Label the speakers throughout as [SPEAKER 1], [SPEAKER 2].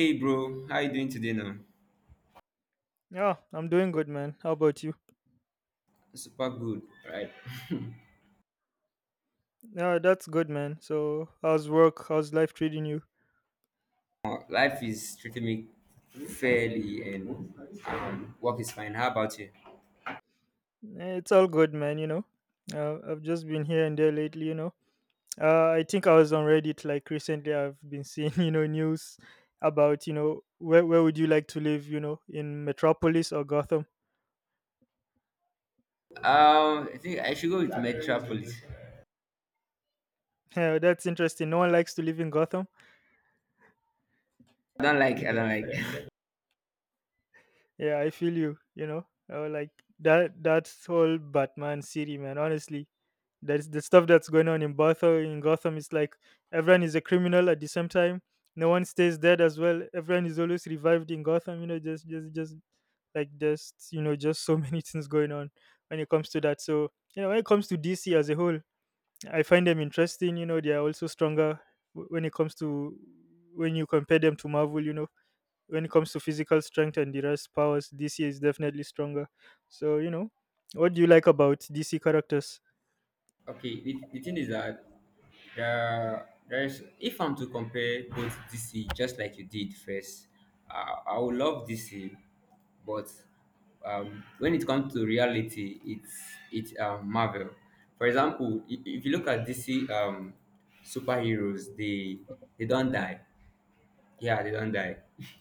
[SPEAKER 1] Hey bro, how you doing today now?
[SPEAKER 2] Yeah, I'm doing good, man. How about you?
[SPEAKER 1] Super good, right?
[SPEAKER 2] Yeah, that's good, man. So, how's work? How's life treating you?
[SPEAKER 1] Life is treating me fairly and work is fine. How about you?
[SPEAKER 2] Eh, it's all good, man. I've just been here and there lately. I think I was on Reddit like recently. I've been seeing, you know, news about, you know, where would you like to live? You know, in Metropolis or Gotham?
[SPEAKER 1] I think I should go with Metropolis.
[SPEAKER 2] Yeah, that's interesting. No one likes to live in Gotham.
[SPEAKER 1] I don't like, I don't like.
[SPEAKER 2] Yeah, I feel you. Like that whole Batman city, man. Honestly, there's the stuff that's going on in Gotham. In Gotham, it's like everyone is a criminal at the same time. No one stays dead as well. Everyone is always revived in Gotham. You know, just so many things going on when it comes to that. So you know, when it comes to DC as a whole, I find them interesting. You know, they are also stronger when it comes to when you compare them to Marvel. You know, when it comes to physical strength and the rest powers, DC is definitely stronger. So you know, what do you like about DC characters?
[SPEAKER 1] Okay, the thing is that there is if I'm to compare both DC just like you did first, I would love DC, but when it comes to reality, it's Marvel. For example, if you look at DC superheroes, they don't die. Yeah, they don't die.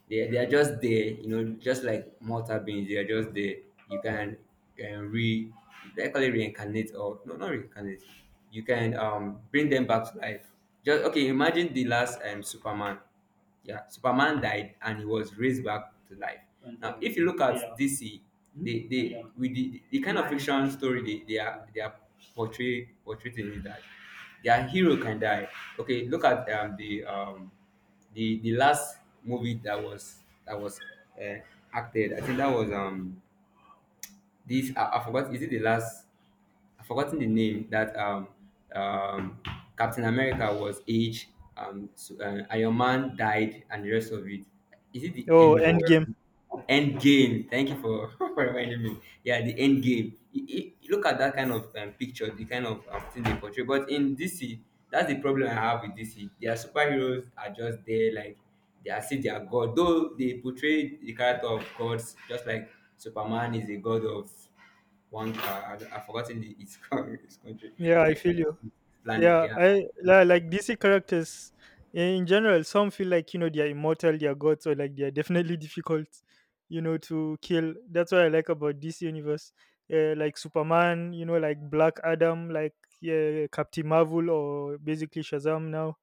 [SPEAKER 1] They are just there, you know, just like mortal beings. They are just there. You can can re, they call it reincarnate or no, not reincarnate. You can bring them back to life. Just okay. Imagine the last Superman. Yeah, Superman died and he was raised back to life. And now, if you look at, yeah, DC, Hmm? they with the kind of fiction story they are portrayed in it that their hero can die. Okay, look at the last movie that was uh, acted. I think that was this I forgot. Is it the last? I've forgotten the name that, um, Captain America was aged, Iron Man died, and the rest of it. Is it the
[SPEAKER 2] Oh,
[SPEAKER 1] End War?
[SPEAKER 2] Endgame.
[SPEAKER 1] End Game. Thank you for, for reminding me. Yeah, the End Game. You look at that kind of picture, the kind of thing they portray. But in DC, that's the problem I have with DC. Their superheroes are just there, like they are still their god. Though they portray the character of gods, just like Superman is a god of one car. I've forgotten the, its, co- its country,
[SPEAKER 2] Yeah, I
[SPEAKER 1] its
[SPEAKER 2] feel you.
[SPEAKER 1] planet.
[SPEAKER 2] Yeah,
[SPEAKER 1] Yeah.
[SPEAKER 2] I like DC characters, yeah, in general. Some feel like, you know, they are immortal, they are gods, or like they are definitely difficult, you know, to kill. That's what I like about DC universe. Like Superman, you know, like Black Adam, like, yeah, Captain Marvel, or basically Shazam now.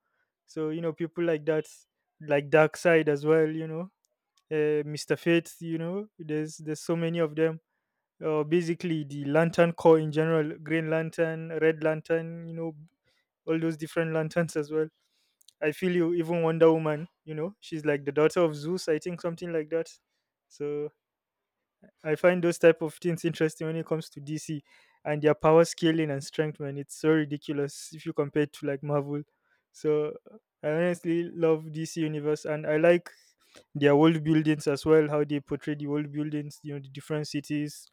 [SPEAKER 2] So you know, people like that, like Dark Side as well. Mister Fate. You know, There's so many of them, basically the lantern core in general, green lantern, red lantern, you know, all those different lanterns as well. I feel you. Even Wonder Woman, you know, she's like the daughter of Zeus, I think something like that. So I find those type of things interesting when it comes to DC and their power scaling and strength, man. It's so ridiculous if you compare it to like Marvel. So I honestly love DC universe and I like their world buildings as well, how they portray the world buildings, you know, the different cities.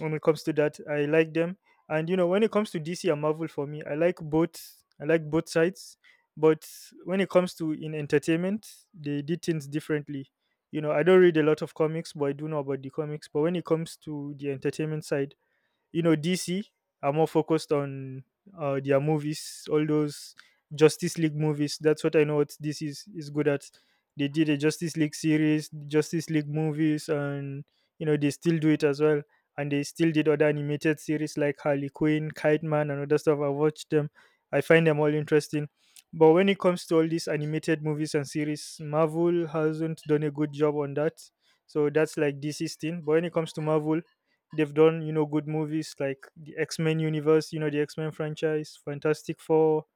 [SPEAKER 2] When it comes to that, I like them. And you know, when it comes to DC and Marvel for me, I like both. Sides. But when it comes to in entertainment, they did things differently. You know, I don't read a lot of comics, but I do know about the comics. But when it comes to the entertainment side, you know, DC are more focused on their movies, all those Justice League movies. That's what I know what DC is good at. They did a Justice League series, Justice League movies, and you know they still do it as well. And they still did other animated series like Harley Quinn, Kite Man, and other stuff. I watched them. I find them all interesting. But when it comes to all these animated movies and series, Marvel hasn't done a good job on that. So that's like DC's thing. But when it comes to Marvel, they've done, you know, good movies like the X Men universe, you know, the X Men franchise, Fantastic Four.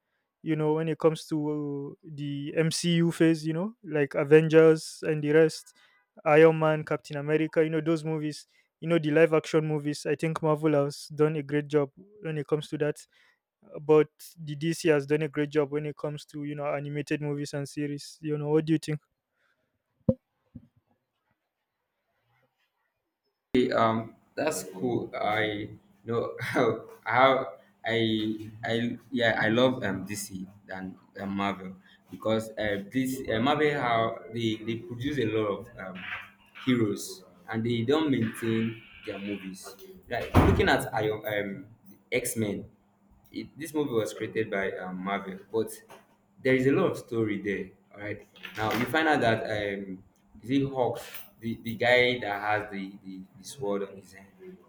[SPEAKER 2] You know, when it comes to the MCU phase, you know, like Avengers and the rest, Iron Man, Captain America, you know, those movies, you know, the live action movies. I think Marvel has done a great job when it comes to that. But the DC has done a great job when it comes to, you know, animated movies and series. You know, what do you think?
[SPEAKER 1] Okay, that's cool. I know how I yeah I love DC than, Marvel, because this Marvel, how they produce a lot of heroes, and they don't maintain their movies. Like looking at Iron X Men. This movie was created by, Marvel, but there is a lot of story there. All right, now you find out that, is it Hawks, the guy that has the sword on his hand.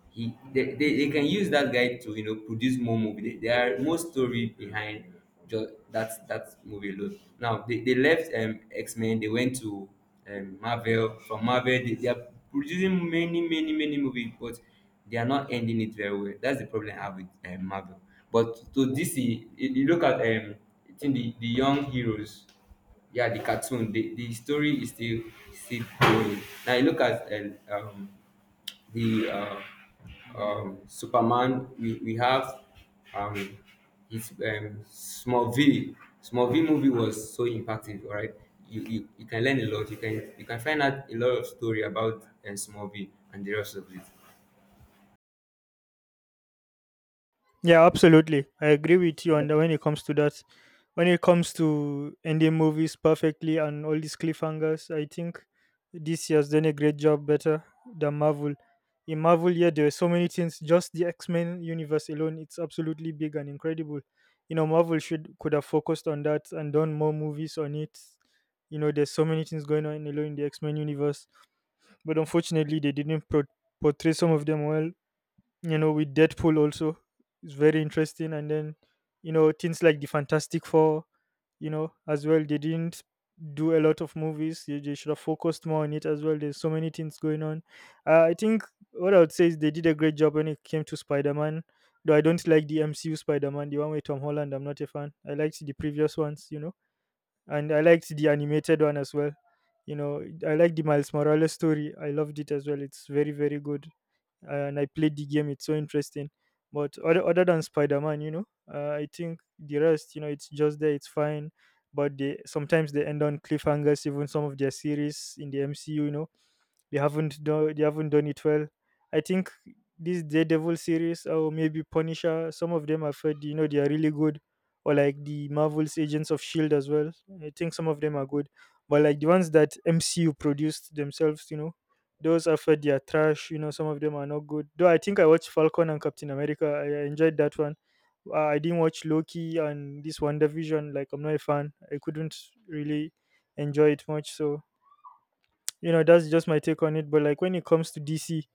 [SPEAKER 1] He they can use that guy to, you know, produce more movie. There are more story behind just that movie alone. Now they left, X Men. They went to, Marvel. From Marvel, they are producing many movies, but they are not ending it very well. That's the problem I have with, Marvel. But to DC, if you look at, I think the young heroes, yeah, the cartoon, the story is still going. Now you look at the Superman. We have, um, his Smallville. Smallville movie was so impactful. All right, you can learn a lot. You can find out a lot of story about, Smallville and the rest of it.
[SPEAKER 2] Yeah, absolutely. I agree with you on that when it comes to that. When it comes to ending movies perfectly and all these cliffhangers, I think DC has done a great job better than Marvel. In Marvel, yeah, there are so many things. Just the X Men universe alone, it's absolutely big and incredible. You know, Marvel should could have focused on that and done more movies on it. You know, there's so many things going on alone in the X Men universe, but unfortunately, they didn't pro- portray some of them well. You know, with Deadpool also, it's very interesting. And then, you know, things like the Fantastic Four, you know, as well, they didn't do a lot of movies. They should have focused more on it as well. There's so many things going on. I think what I would say is they did a great job when it came to Spider-Man, though I don't like the MCU Spider-Man, the one with Tom Holland. I'm not a fan. I liked the previous ones, you know, and I liked the animated one as well. You know, I like the Miles Morales story. I loved it as well. It's very very good. And I played the game. It's so interesting. But other than Spider Man, you know, I think the rest, you know, it's just there. It's fine. But they sometimes they end on cliffhangers. Even some of their series in the MCU, you know, they haven't done it well. I think this Daredevil series or maybe Punisher, some of them I've heard, you know, they are really good, or like the Marvel's Agents of Shield as well. I think some of them are good, but like the ones that MCU produced themselves, you know, those I've heard they are trash. You know, some of them are not good. Though I think I watched Falcon and Captain America. I enjoyed that one. I didn't watch Loki and this Wonder Vision. Like I'm not a fan. I couldn't really enjoy it much. So you know that's just my take on it. But like when it comes to DC,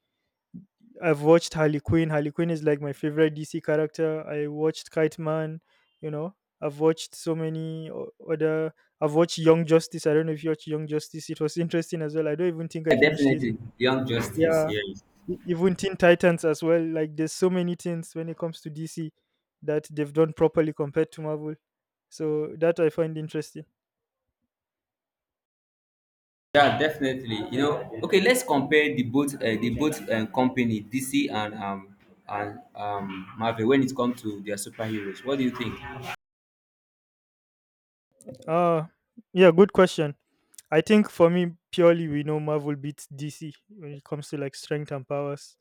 [SPEAKER 2] I've watched Harley Quinn. Harley Quinn is like my favorite DC character. I watched Kite Man, you know. I've watched so many other. I've watched Young Justice. I don't know if you watched Young Justice. It was interesting as well. I don't even think I
[SPEAKER 1] Yeah,
[SPEAKER 2] finished it.
[SPEAKER 1] definitely. Young Justice,
[SPEAKER 2] Yeah.
[SPEAKER 1] yes.
[SPEAKER 2] Even Teen Titans as well. Like there's so many things when it comes to DC that they've done properly compared to Marvel. So that I find interesting.
[SPEAKER 1] Yeah, definitely. You know, okay, let's compare the both, company DC and Marvel when it comes to their superheroes. What do you think?
[SPEAKER 2] Uh yeah, good question. I think for me, purely we know Marvel beats DC when it comes to like strength and powers.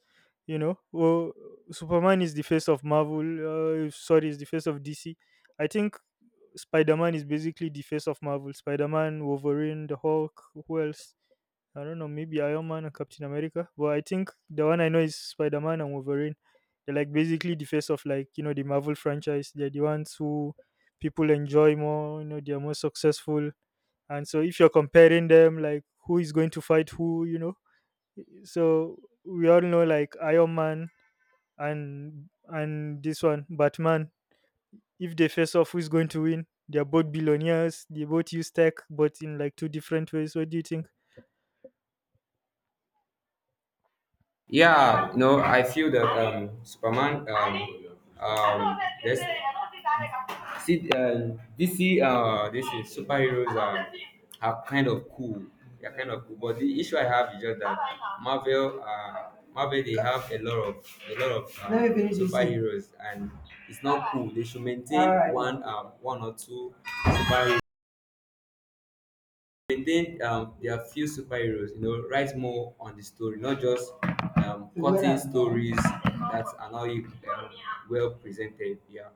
[SPEAKER 2] You know, well, Superman is the face of Marvel. Sorry, is the face of DC. I think Spider Man is basically the face of Marvel. Spider Man, Wolverine, the Hulk. Who else? I don't know. Maybe Iron Man and Captain America. But I think the one I know is Spider Man and Wolverine. They're like basically the face of, like, you know, the Marvel franchise. They're the ones who people enjoy more. You know, they are more successful. And so if you're comparing them, like, who is going to fight who, you know, so we all know like Iron Man and this one Batman, if they face off, who's going to win? They're both billionaires, they both use tech, but in like two different ways. What do you think?
[SPEAKER 1] Yeah, no, I feel that, Superman. Um, this, DC. This is superheroes, are kind of cool. They're kind of cool, but the issue I have is just that Marvel. Marvel, they have a lot of, let, me finish this thing. Superheroes, and it's not cool. They should maintain, all right, one or two superheroes, maintain, their few superheroes, you know, write more on the story, not just, cutting, yeah, stories that are not, well presented. Yeah,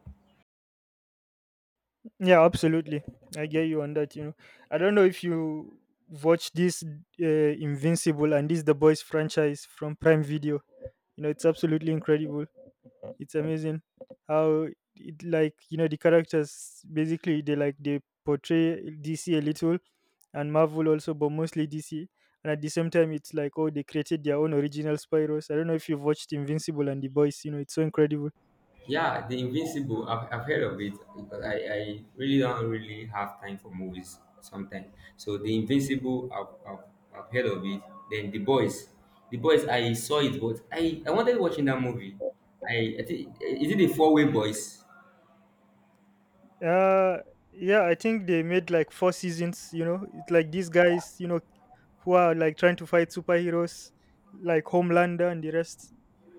[SPEAKER 2] Yeah, absolutely. I get you on that. You know, I don't know if you watch this, Invincible and this The Boys franchise from Prime Video. You know it's absolutely incredible. It's amazing how it, like, you know, the characters basically, they like they portray DC a little and Marvel also, but mostly DC. And at the same time, it's like, oh, they created their own original Spyros. I don't know if you've watched Invincible and The Boys. You know it's so incredible.
[SPEAKER 1] yeah, the Invincible I've heard of it, because I really don't really have time for movies sometimes, so the Invincible I've heard of it. Then The Boys, The Boys I saw it, but I wanted watching that movie. I think, is it the four-way boys?
[SPEAKER 2] Uh yeah, I think they made like four seasons, you know. It's like these guys, you know, who are like trying to fight superheroes like Homelander and the rest.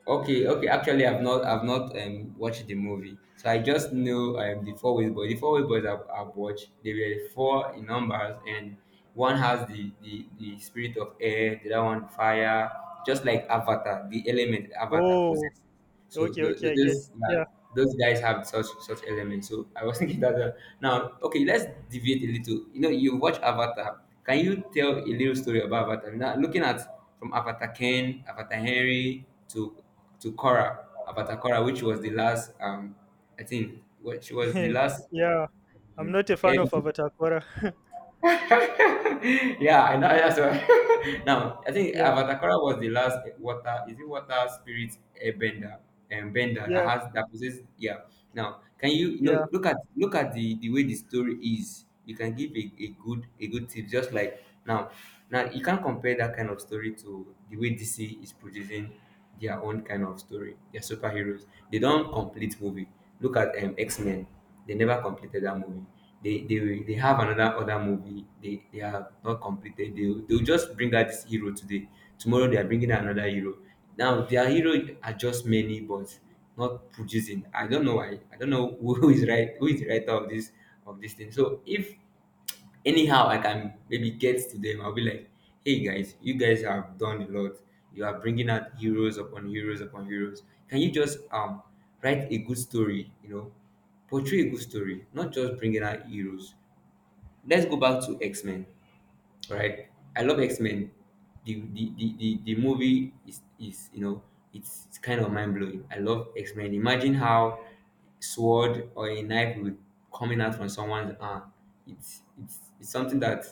[SPEAKER 1] Okay, okay. Actually, I've not watched the movie, so I just know the four ways boys. The four ways boys I've watched. They were four in numbers, and one has the spirit of air, the other one fire, just like Avatar, the element Avatar
[SPEAKER 2] Oh,
[SPEAKER 1] possesses. So
[SPEAKER 2] okay,
[SPEAKER 1] the
[SPEAKER 2] okay, I get.
[SPEAKER 1] those, yeah,
[SPEAKER 2] Yeah.
[SPEAKER 1] those guys have such elements. So I was thinking that, now okay, let's deviate a little. You know, you watch Avatar. Can you tell a little story about Avatar? Now looking at from Avatar Ken, Avatar Henry to Korra, Avatar Korra, which was the last, I think, which was the last,
[SPEAKER 2] Yeah, I'm
[SPEAKER 1] um,
[SPEAKER 2] not a fan of Avatar Korra.
[SPEAKER 1] yeah, I know. Yeah, so now I think
[SPEAKER 2] Yeah,
[SPEAKER 1] Avatakora was the last water. Is it water spirit airbender and bender that
[SPEAKER 2] yeah,
[SPEAKER 1] has, that possesses? Yeah. Now, can you, you
[SPEAKER 2] yeah.
[SPEAKER 1] know, look at the way the story is? You can give a good tip. Just like now, now you can't compare that kind of story to the way DC is producing their own kind of story. They're superheroes. They don't complete movie. Look at, X Men. They never completed that movie. They have another other movie. They have not completed. They'll just bring out this hero today. Tomorrow they are bringing out another hero. Now their hero are just many, but not producing. I don't know why. I don't know who is right. Who is the writer of this thing. So if anyhow I can maybe get to them, I'll be like, hey guys, you guys have done a lot, you are bringing out heroes upon heroes upon heroes. Can you just, write a good story, you know, portray a good story, not just bringing out heroes. Let's go back to x-men, right? I love X Men. The movie is, you know, it's kind of mind blowing. I love X Men. Imagine how sword or a knife will be coming out from someone's arm. It's something that,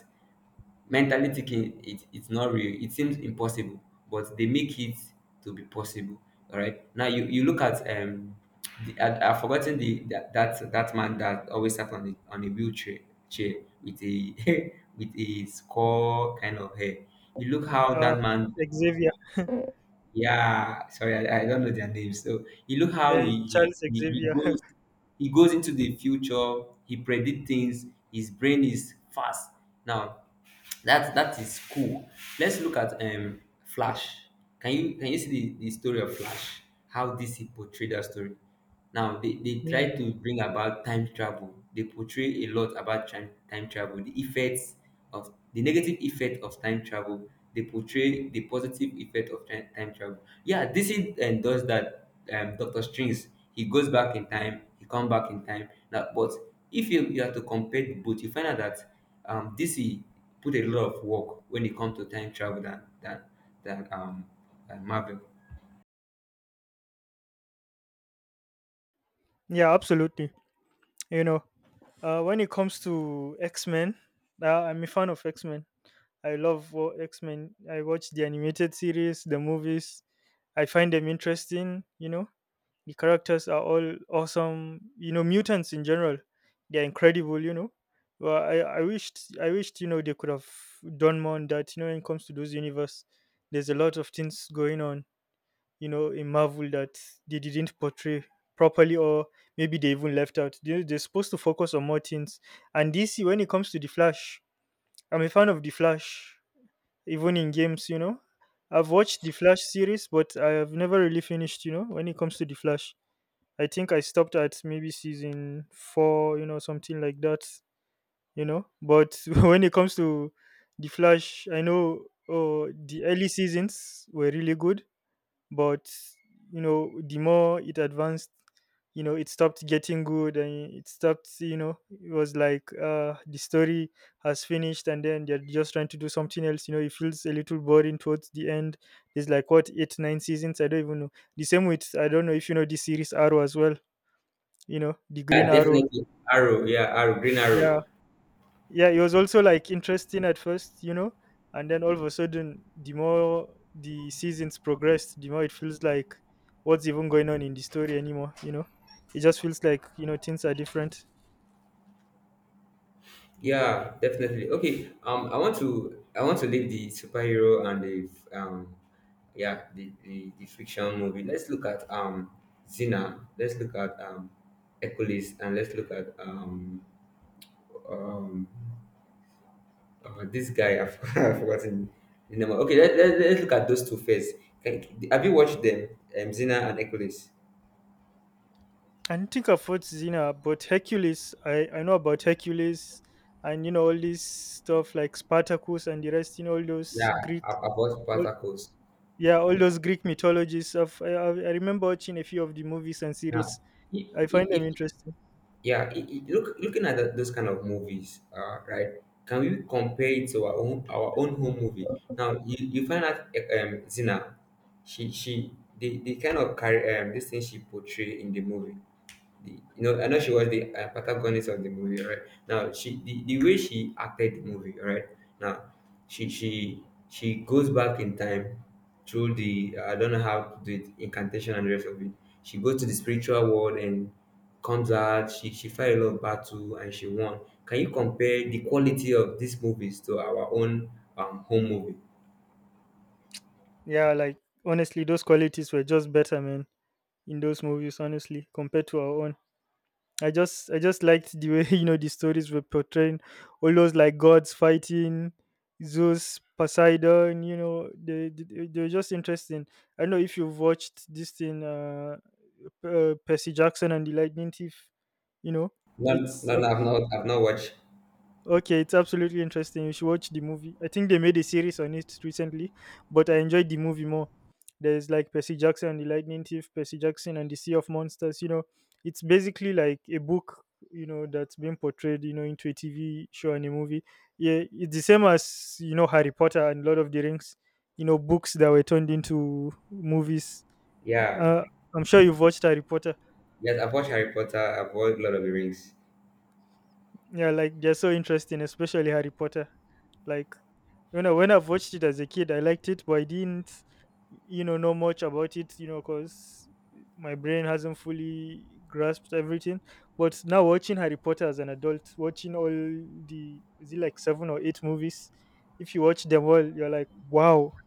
[SPEAKER 1] mentally thinking it, it's not real, it seems impossible, but they make it to be possible. All right, now you look at, the, I've forgotten the, that man that always sat on the on a wheelchair chair with a with a skull kind of hair. You look how
[SPEAKER 2] Uh,
[SPEAKER 1] that man,
[SPEAKER 2] Xavier,
[SPEAKER 1] yeah, sorry, I don't know their names. So you look how
[SPEAKER 2] Charles
[SPEAKER 1] he
[SPEAKER 2] Xavier.
[SPEAKER 1] goes, he goes into the future, he predict things, his brain is fast. Now that that is cool. Let's look at, Flash. Can you see the story of Flash? How DC portrayed that story? Now they try
[SPEAKER 2] Mm,
[SPEAKER 1] to bring about time travel. They portray a lot about time travel, the effects of the negative effect of time travel. They portray the positive effect of time travel. Yeah, this is and does that. Doctor Strings, he goes back in time, he come back in time. Now, but if you have to compare the both, you find out that, DC put a lot of work when it comes to time travel than than um than, Marvel.
[SPEAKER 2] yeah, absolutely. You know, when it comes to X Men, I'm a fan of X Men. I love X Men. I watch the animated series, the movies. I find them interesting. You know, the characters are all awesome, you know, mutants in general, they're incredible, you know. Well, I wished, I wished, you know, they could have done more on that, you know. When it comes to those universe, there's a lot of things going on, you know, in Marvel that they didn't portray properly, or maybe they even left out. They're supposed to focus on more things. And DC, when it comes to The Flash, I'm a fan of The Flash, even in games, you know. I've watched The Flash series, but I have never really finished, you know, when it comes to The Flash. I think I stopped at maybe season four, you know, something like that. But when it comes to The Flash, I know, oh, the early seasons were really good, but, you know, the more it advanced, you know, it stopped getting good, and it stopped, you know, it was like the story has finished and then they're just trying to do something else. You know, it feels a little boring towards the end. There's like, what, eight, nine seasons? I don't even know. The same with, I don't know if you know this series, Arrow, as well, you know, the Green
[SPEAKER 1] Yeah,
[SPEAKER 2] Arrow.
[SPEAKER 1] definitely Arrow. Yeah, Arrow, Green Arrow.
[SPEAKER 2] Yeah, yeah, it was also like interesting at first, you know, and then all of a sudden, the more the seasons progressed, the more it feels like what's even going on in the story anymore, you know. It just feels like, you know, things are different.
[SPEAKER 1] Yeah, definitely. Okay. I want to leave the superhero and the, yeah, the fiction movie. Let's look at, Xena. Let's look at, Hercules, and let's look at, um this guy. I've, I've forgotten the name. Okay, let's look at those two first. Can, have you watched them? Xena and Hercules.
[SPEAKER 2] I don't think I've watched Xena, but Hercules, I know about Hercules and, you know, all this stuff like Spartacus and the rest, you know, all those
[SPEAKER 1] Yeah,
[SPEAKER 2] Greek,
[SPEAKER 1] I watched
[SPEAKER 2] all,
[SPEAKER 1] Spartacus.
[SPEAKER 2] yeah, all
[SPEAKER 1] Yeah.
[SPEAKER 2] those Greek mythologies of I remember watching a few of the movies and
[SPEAKER 1] Now,
[SPEAKER 2] series. I find them
[SPEAKER 1] if,
[SPEAKER 2] interesting.
[SPEAKER 1] yeah look, looking at that, those kind of movies, right, can we compare it to our own home movie? Now you find out, eh, zina, she, the kind of this thing she portray in the movie, you know, I know she was the, protagonist of the movie, right? Now she the way she acted the movie, right? Now she she she goes back in time through the, I don't know how to do it, incantation and the rest of it. She goes to the spiritual world and comes out, she fight a lot of battle and she won. Can you compare the quality of these movies to our own, home movie?
[SPEAKER 2] Yeah, like, honestly, those qualities were just better, man, in those movies, honestly, compared to our own. I just liked the way you know, the stories were portraying all those like gods fighting, Zeus, Poseidon. You know, they were just interesting. I don't know if you've watched this thing, percy jackson and the Lightning Thief, you know.
[SPEAKER 1] No,
[SPEAKER 2] it's
[SPEAKER 1] no, no,
[SPEAKER 2] abs-
[SPEAKER 1] I've not watched.
[SPEAKER 2] Okay, it's absolutely interesting. You should watch the movie. I think they made a series on it recently, but I enjoyed the movie more. There's like Percy Jackson and the Lightning Thief, Percy Jackson and the Sea of Monsters. You know, it's basically like a book, you know, that's been portrayed, you know, into a TV show and a movie. Yeah, it's the same as, you know, Harry Potter and Lord of the Rings, you know, books that were turned into movies.
[SPEAKER 1] Yeah.
[SPEAKER 2] Uh, I'm sure you've watched Harry Potter.
[SPEAKER 1] Yes, I've watched Harry Potter, I've watched Lord of the Rings.
[SPEAKER 2] Yeah, like, they're so interesting, especially Harry Potter. Like, when I've watched it as a kid, I liked it, but I didn't, you know much about it, you know, because my brain hasn't fully grasped everything. But now, watching Harry Potter as an adult, watching all the, is it like seven or eight movies, if you watch them all, you're like, wow,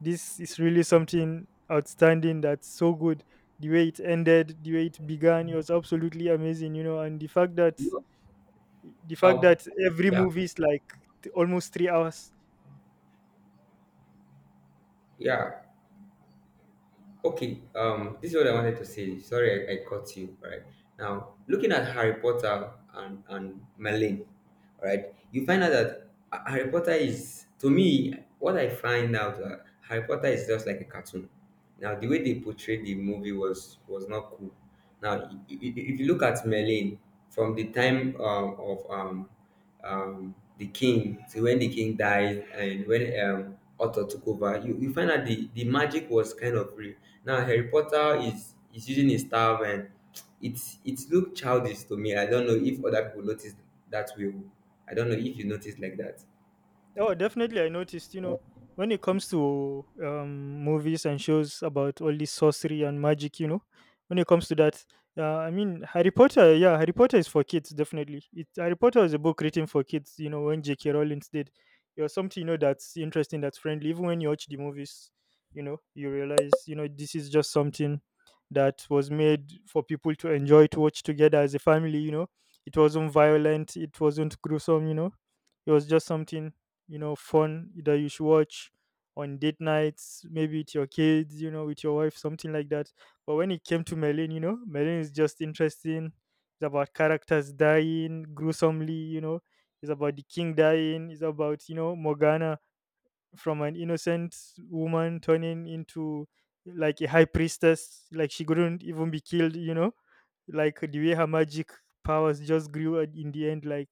[SPEAKER 2] this is really something outstanding. That's so good. The way it ended, the way it began, it was absolutely amazing, you know, and the fact that the fact
[SPEAKER 1] Um,
[SPEAKER 2] that every
[SPEAKER 1] yeah,
[SPEAKER 2] movie is like almost 3 hours.
[SPEAKER 1] yeah. Okay. This is what I wanted to say. Sorry, I caught you. Right now, looking at Harry Potter and Merlin, right? You find out that Harry Potter is to me what I find out. Harry Potter is just like a cartoon. Now, the way they portrayed the movie was not cool. Now, if you look at Merlin from the time of the king. So when the king died and when Otto took over, you find out the magic was kind of real. Now Harry Potter is using his staff and it's looked childish to me. I don't know if other people noticed that way. I don't know if you noticed like that.
[SPEAKER 2] Oh, definitely. I noticed, you know, when it comes to movies and shows about all this sorcery and magic, you know, when it comes to that, I mean, Harry Potter, yeah, Harry Potter is for kids, definitely. Harry Potter is a book written for kids, you know, when J.K. Rowling did. It was something, you know, that's interesting, that's friendly. Even when you watch the movies, you know, you realize, you know, this is just something that was made for people to enjoy, to watch together as a family, you know. It wasn't violent, it wasn't gruesome, you know, it was just something, you know, fun that you should watch on date nights, maybe with your kids, you know, with your wife, something like that. But when it came to Merlin, you know, Merlin is just interesting. It's about characters dying gruesomely, you know. It's about the king dying. It's about, you know, Morgana, from an innocent woman turning into like a high priestess, like she couldn't even be killed, you know. Like, the way her magic powers just grew in the end, like,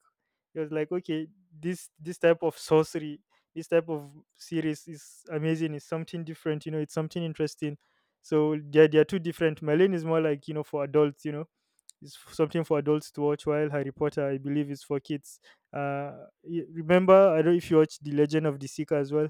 [SPEAKER 2] it was like, okay, this type of sorcery, this type of series is amazing, it's something different, you know, it's something interesting. So they're two different. Merlin is more like, you know, for adults, you know. It's something for adults to watch, while Harry Potter, I believe, is for kids. uh Remember, I don't know if you watch The Legend of the Seeker as well.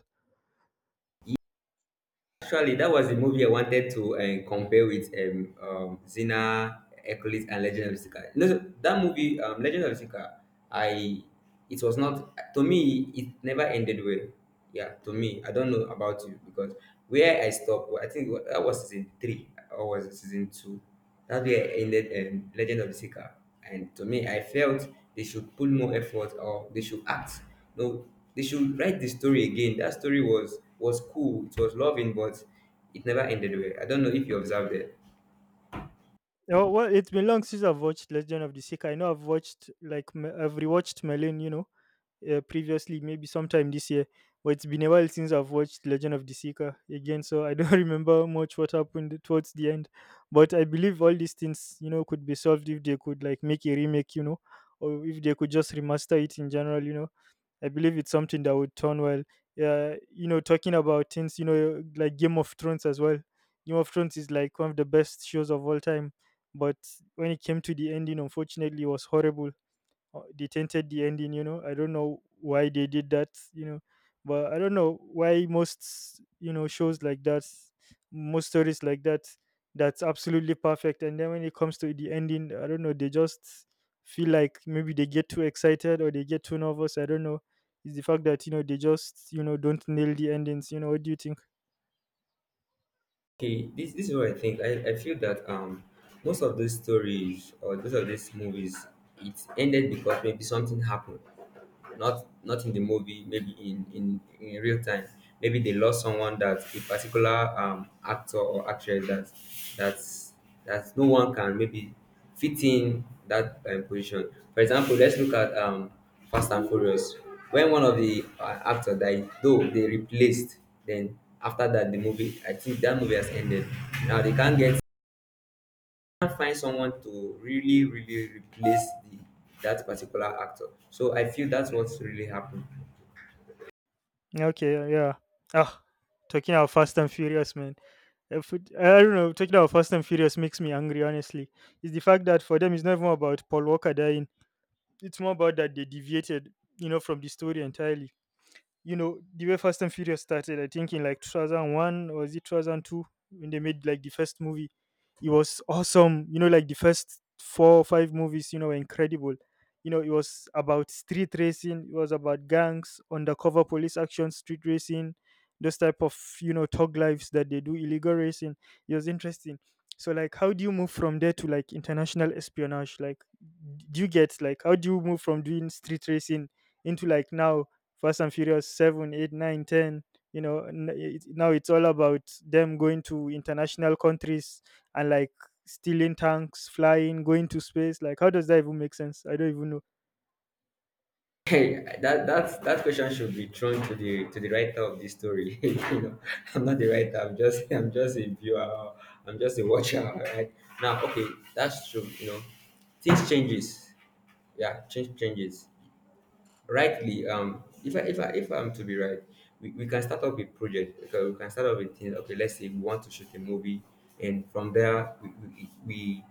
[SPEAKER 1] Actually, that was the movie I wanted to compare with Xena, Hercules, and Legend of Zika. No, that movie, Legend of Zika, I it was not to me. It never ended well. Yeah, to me, I don't know about you. Because where I stopped, I think that was season three, or was it season two. That's where I ended Legend of Zika, and to me, I felt they should put more effort, or they should act. No, they should write the story again. That story was cool. It was loving, but it never ended well. I don't know if you observed it.
[SPEAKER 2] Oh, well, it's been long since I've watched Legend of the Seeker. I know I've watched, like, I've rewatched Merlin, you know, previously, maybe sometime this year. But it's been a while since I've watched Legend of the Seeker again, so I don't remember much what happened towards the end. But I believe all these things, you know, could be solved if they could, like, make a remake, you know, or if they could just remaster it in general, you know. I believe it's something that would turn well. You know, talking about things, you know, like Game of Thrones as well. Game of Thrones is like one of the best shows of all time, but when it came to the ending, unfortunately, it was horrible. They tainted the ending, you know. I don't know why they did that, you know. But I don't know why most, you know, shows like that, most stories like that, that's absolutely perfect, and then when it comes to the ending, I don't know, they just feel like maybe they get too excited or they get too nervous, I don't know. It's the fact that, you know, they just, you know, don't nail the endings, you know. What do you think?
[SPEAKER 1] Okay, this is what I think. I feel that most of these stories or most of these movies, it ended because maybe something happened. Not in the movie, maybe in real time. Maybe they lost someone, that a particular actor or actress, that's that no one can maybe fit in that position. For example, let's look at Fast and Furious. When one of the actor died, though they replaced, then after that the movie, I think that movie has ended. Now they can't get, can't find someone to really replace the, that particular actor. So I feel that's what's really happened.
[SPEAKER 2] Okay, yeah. Ah, talking about Fast and Furious, man. If it- I don't know, talking about Fast and Furious makes me angry, honestly. It's the fact that for them, it's not even about Paul Walker dying. It's more about that they deviated, you know, from the story entirely, you know. The way Fast and Furious started, I think in like 2001, or was it 2002, when they made like the first movie. It was awesome. You know, like the first four or five movies, you know, were incredible. You know, it was about street racing. It was about gangs, undercover police action, street racing, those type of, you know, thug lives that they do illegal racing. It was interesting. So like, how do you move from there to like international espionage? Like, do you get, like, how do you move from doing street racing into like, now, Fast and Furious 7, 8, 9, 10. You know, now it's all about them going to international countries and like stealing tanks, flying, going to space. Like, how does that even make sense? I don't even know.
[SPEAKER 1] Hey, that question should be thrown to the writer of this story. You know, I'm not the writer. I'm just a viewer. I'm just a watcher. Right now, okay, that's true. You know, things changes. Yeah, changes rightly. If I'm to be right, we can start up a project. Okay, we can start up a thing. Okay, let's say we want to shoot a movie, and from there we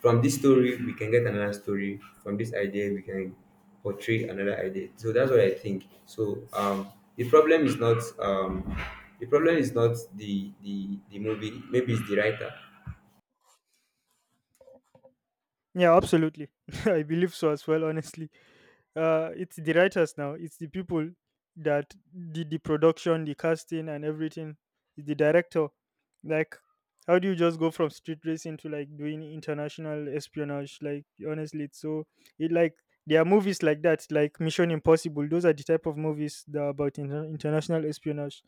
[SPEAKER 1] from this story we can get another story. From this idea we can portray another idea. So that's what I think. The problem is not the movie, maybe it's the writer.
[SPEAKER 2] Yeah, absolutely. I believe so as well, honestly. It's the writers now. It's the people that did the production, the casting, and everything. It's the director. Like, how do you just go from street racing to like doing international espionage? Like, honestly, it's so, it like there are movies like that, like Mission Impossible. Those are the type of movies that are about international espionage.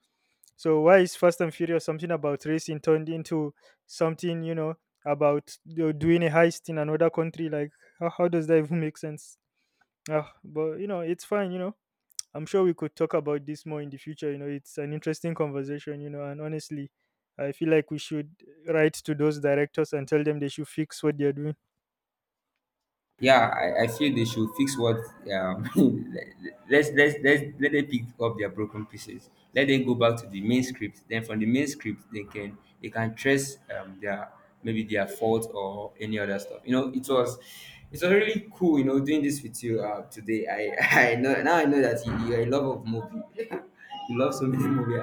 [SPEAKER 2] So why is Fast and Furious, something about racing, turned into something, you know, about, you know, doing a heist in another country? Like, how does that even make sense? Ah, but you know, it's fine, you know. I'm sure we could talk about this more in the future, you know. It's an interesting conversation, you know, and honestly, I feel like we should write to those directors and tell them they should fix what they're doing.
[SPEAKER 1] Yeah, I feel they should fix what um let's let them pick up their broken pieces. Let them go back to the main script. Then from the main script they can trace their, maybe their fault or any other stuff. You know, it was, it was really cool, you know, doing this with you today. I I know, now I know that you're in love of movie. You love so many movie.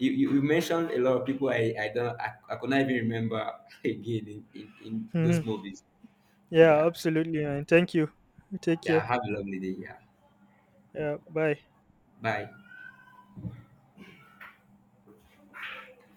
[SPEAKER 1] You mentioned a lot of people I don't I could not even remember again in those movies.
[SPEAKER 2] Yeah,
[SPEAKER 1] Yeah.
[SPEAKER 2] absolutely, man. Thank you. Take
[SPEAKER 1] Yeah,
[SPEAKER 2] care.
[SPEAKER 1] have a lovely day. Yeah,
[SPEAKER 2] Yeah, bye.
[SPEAKER 1] bye.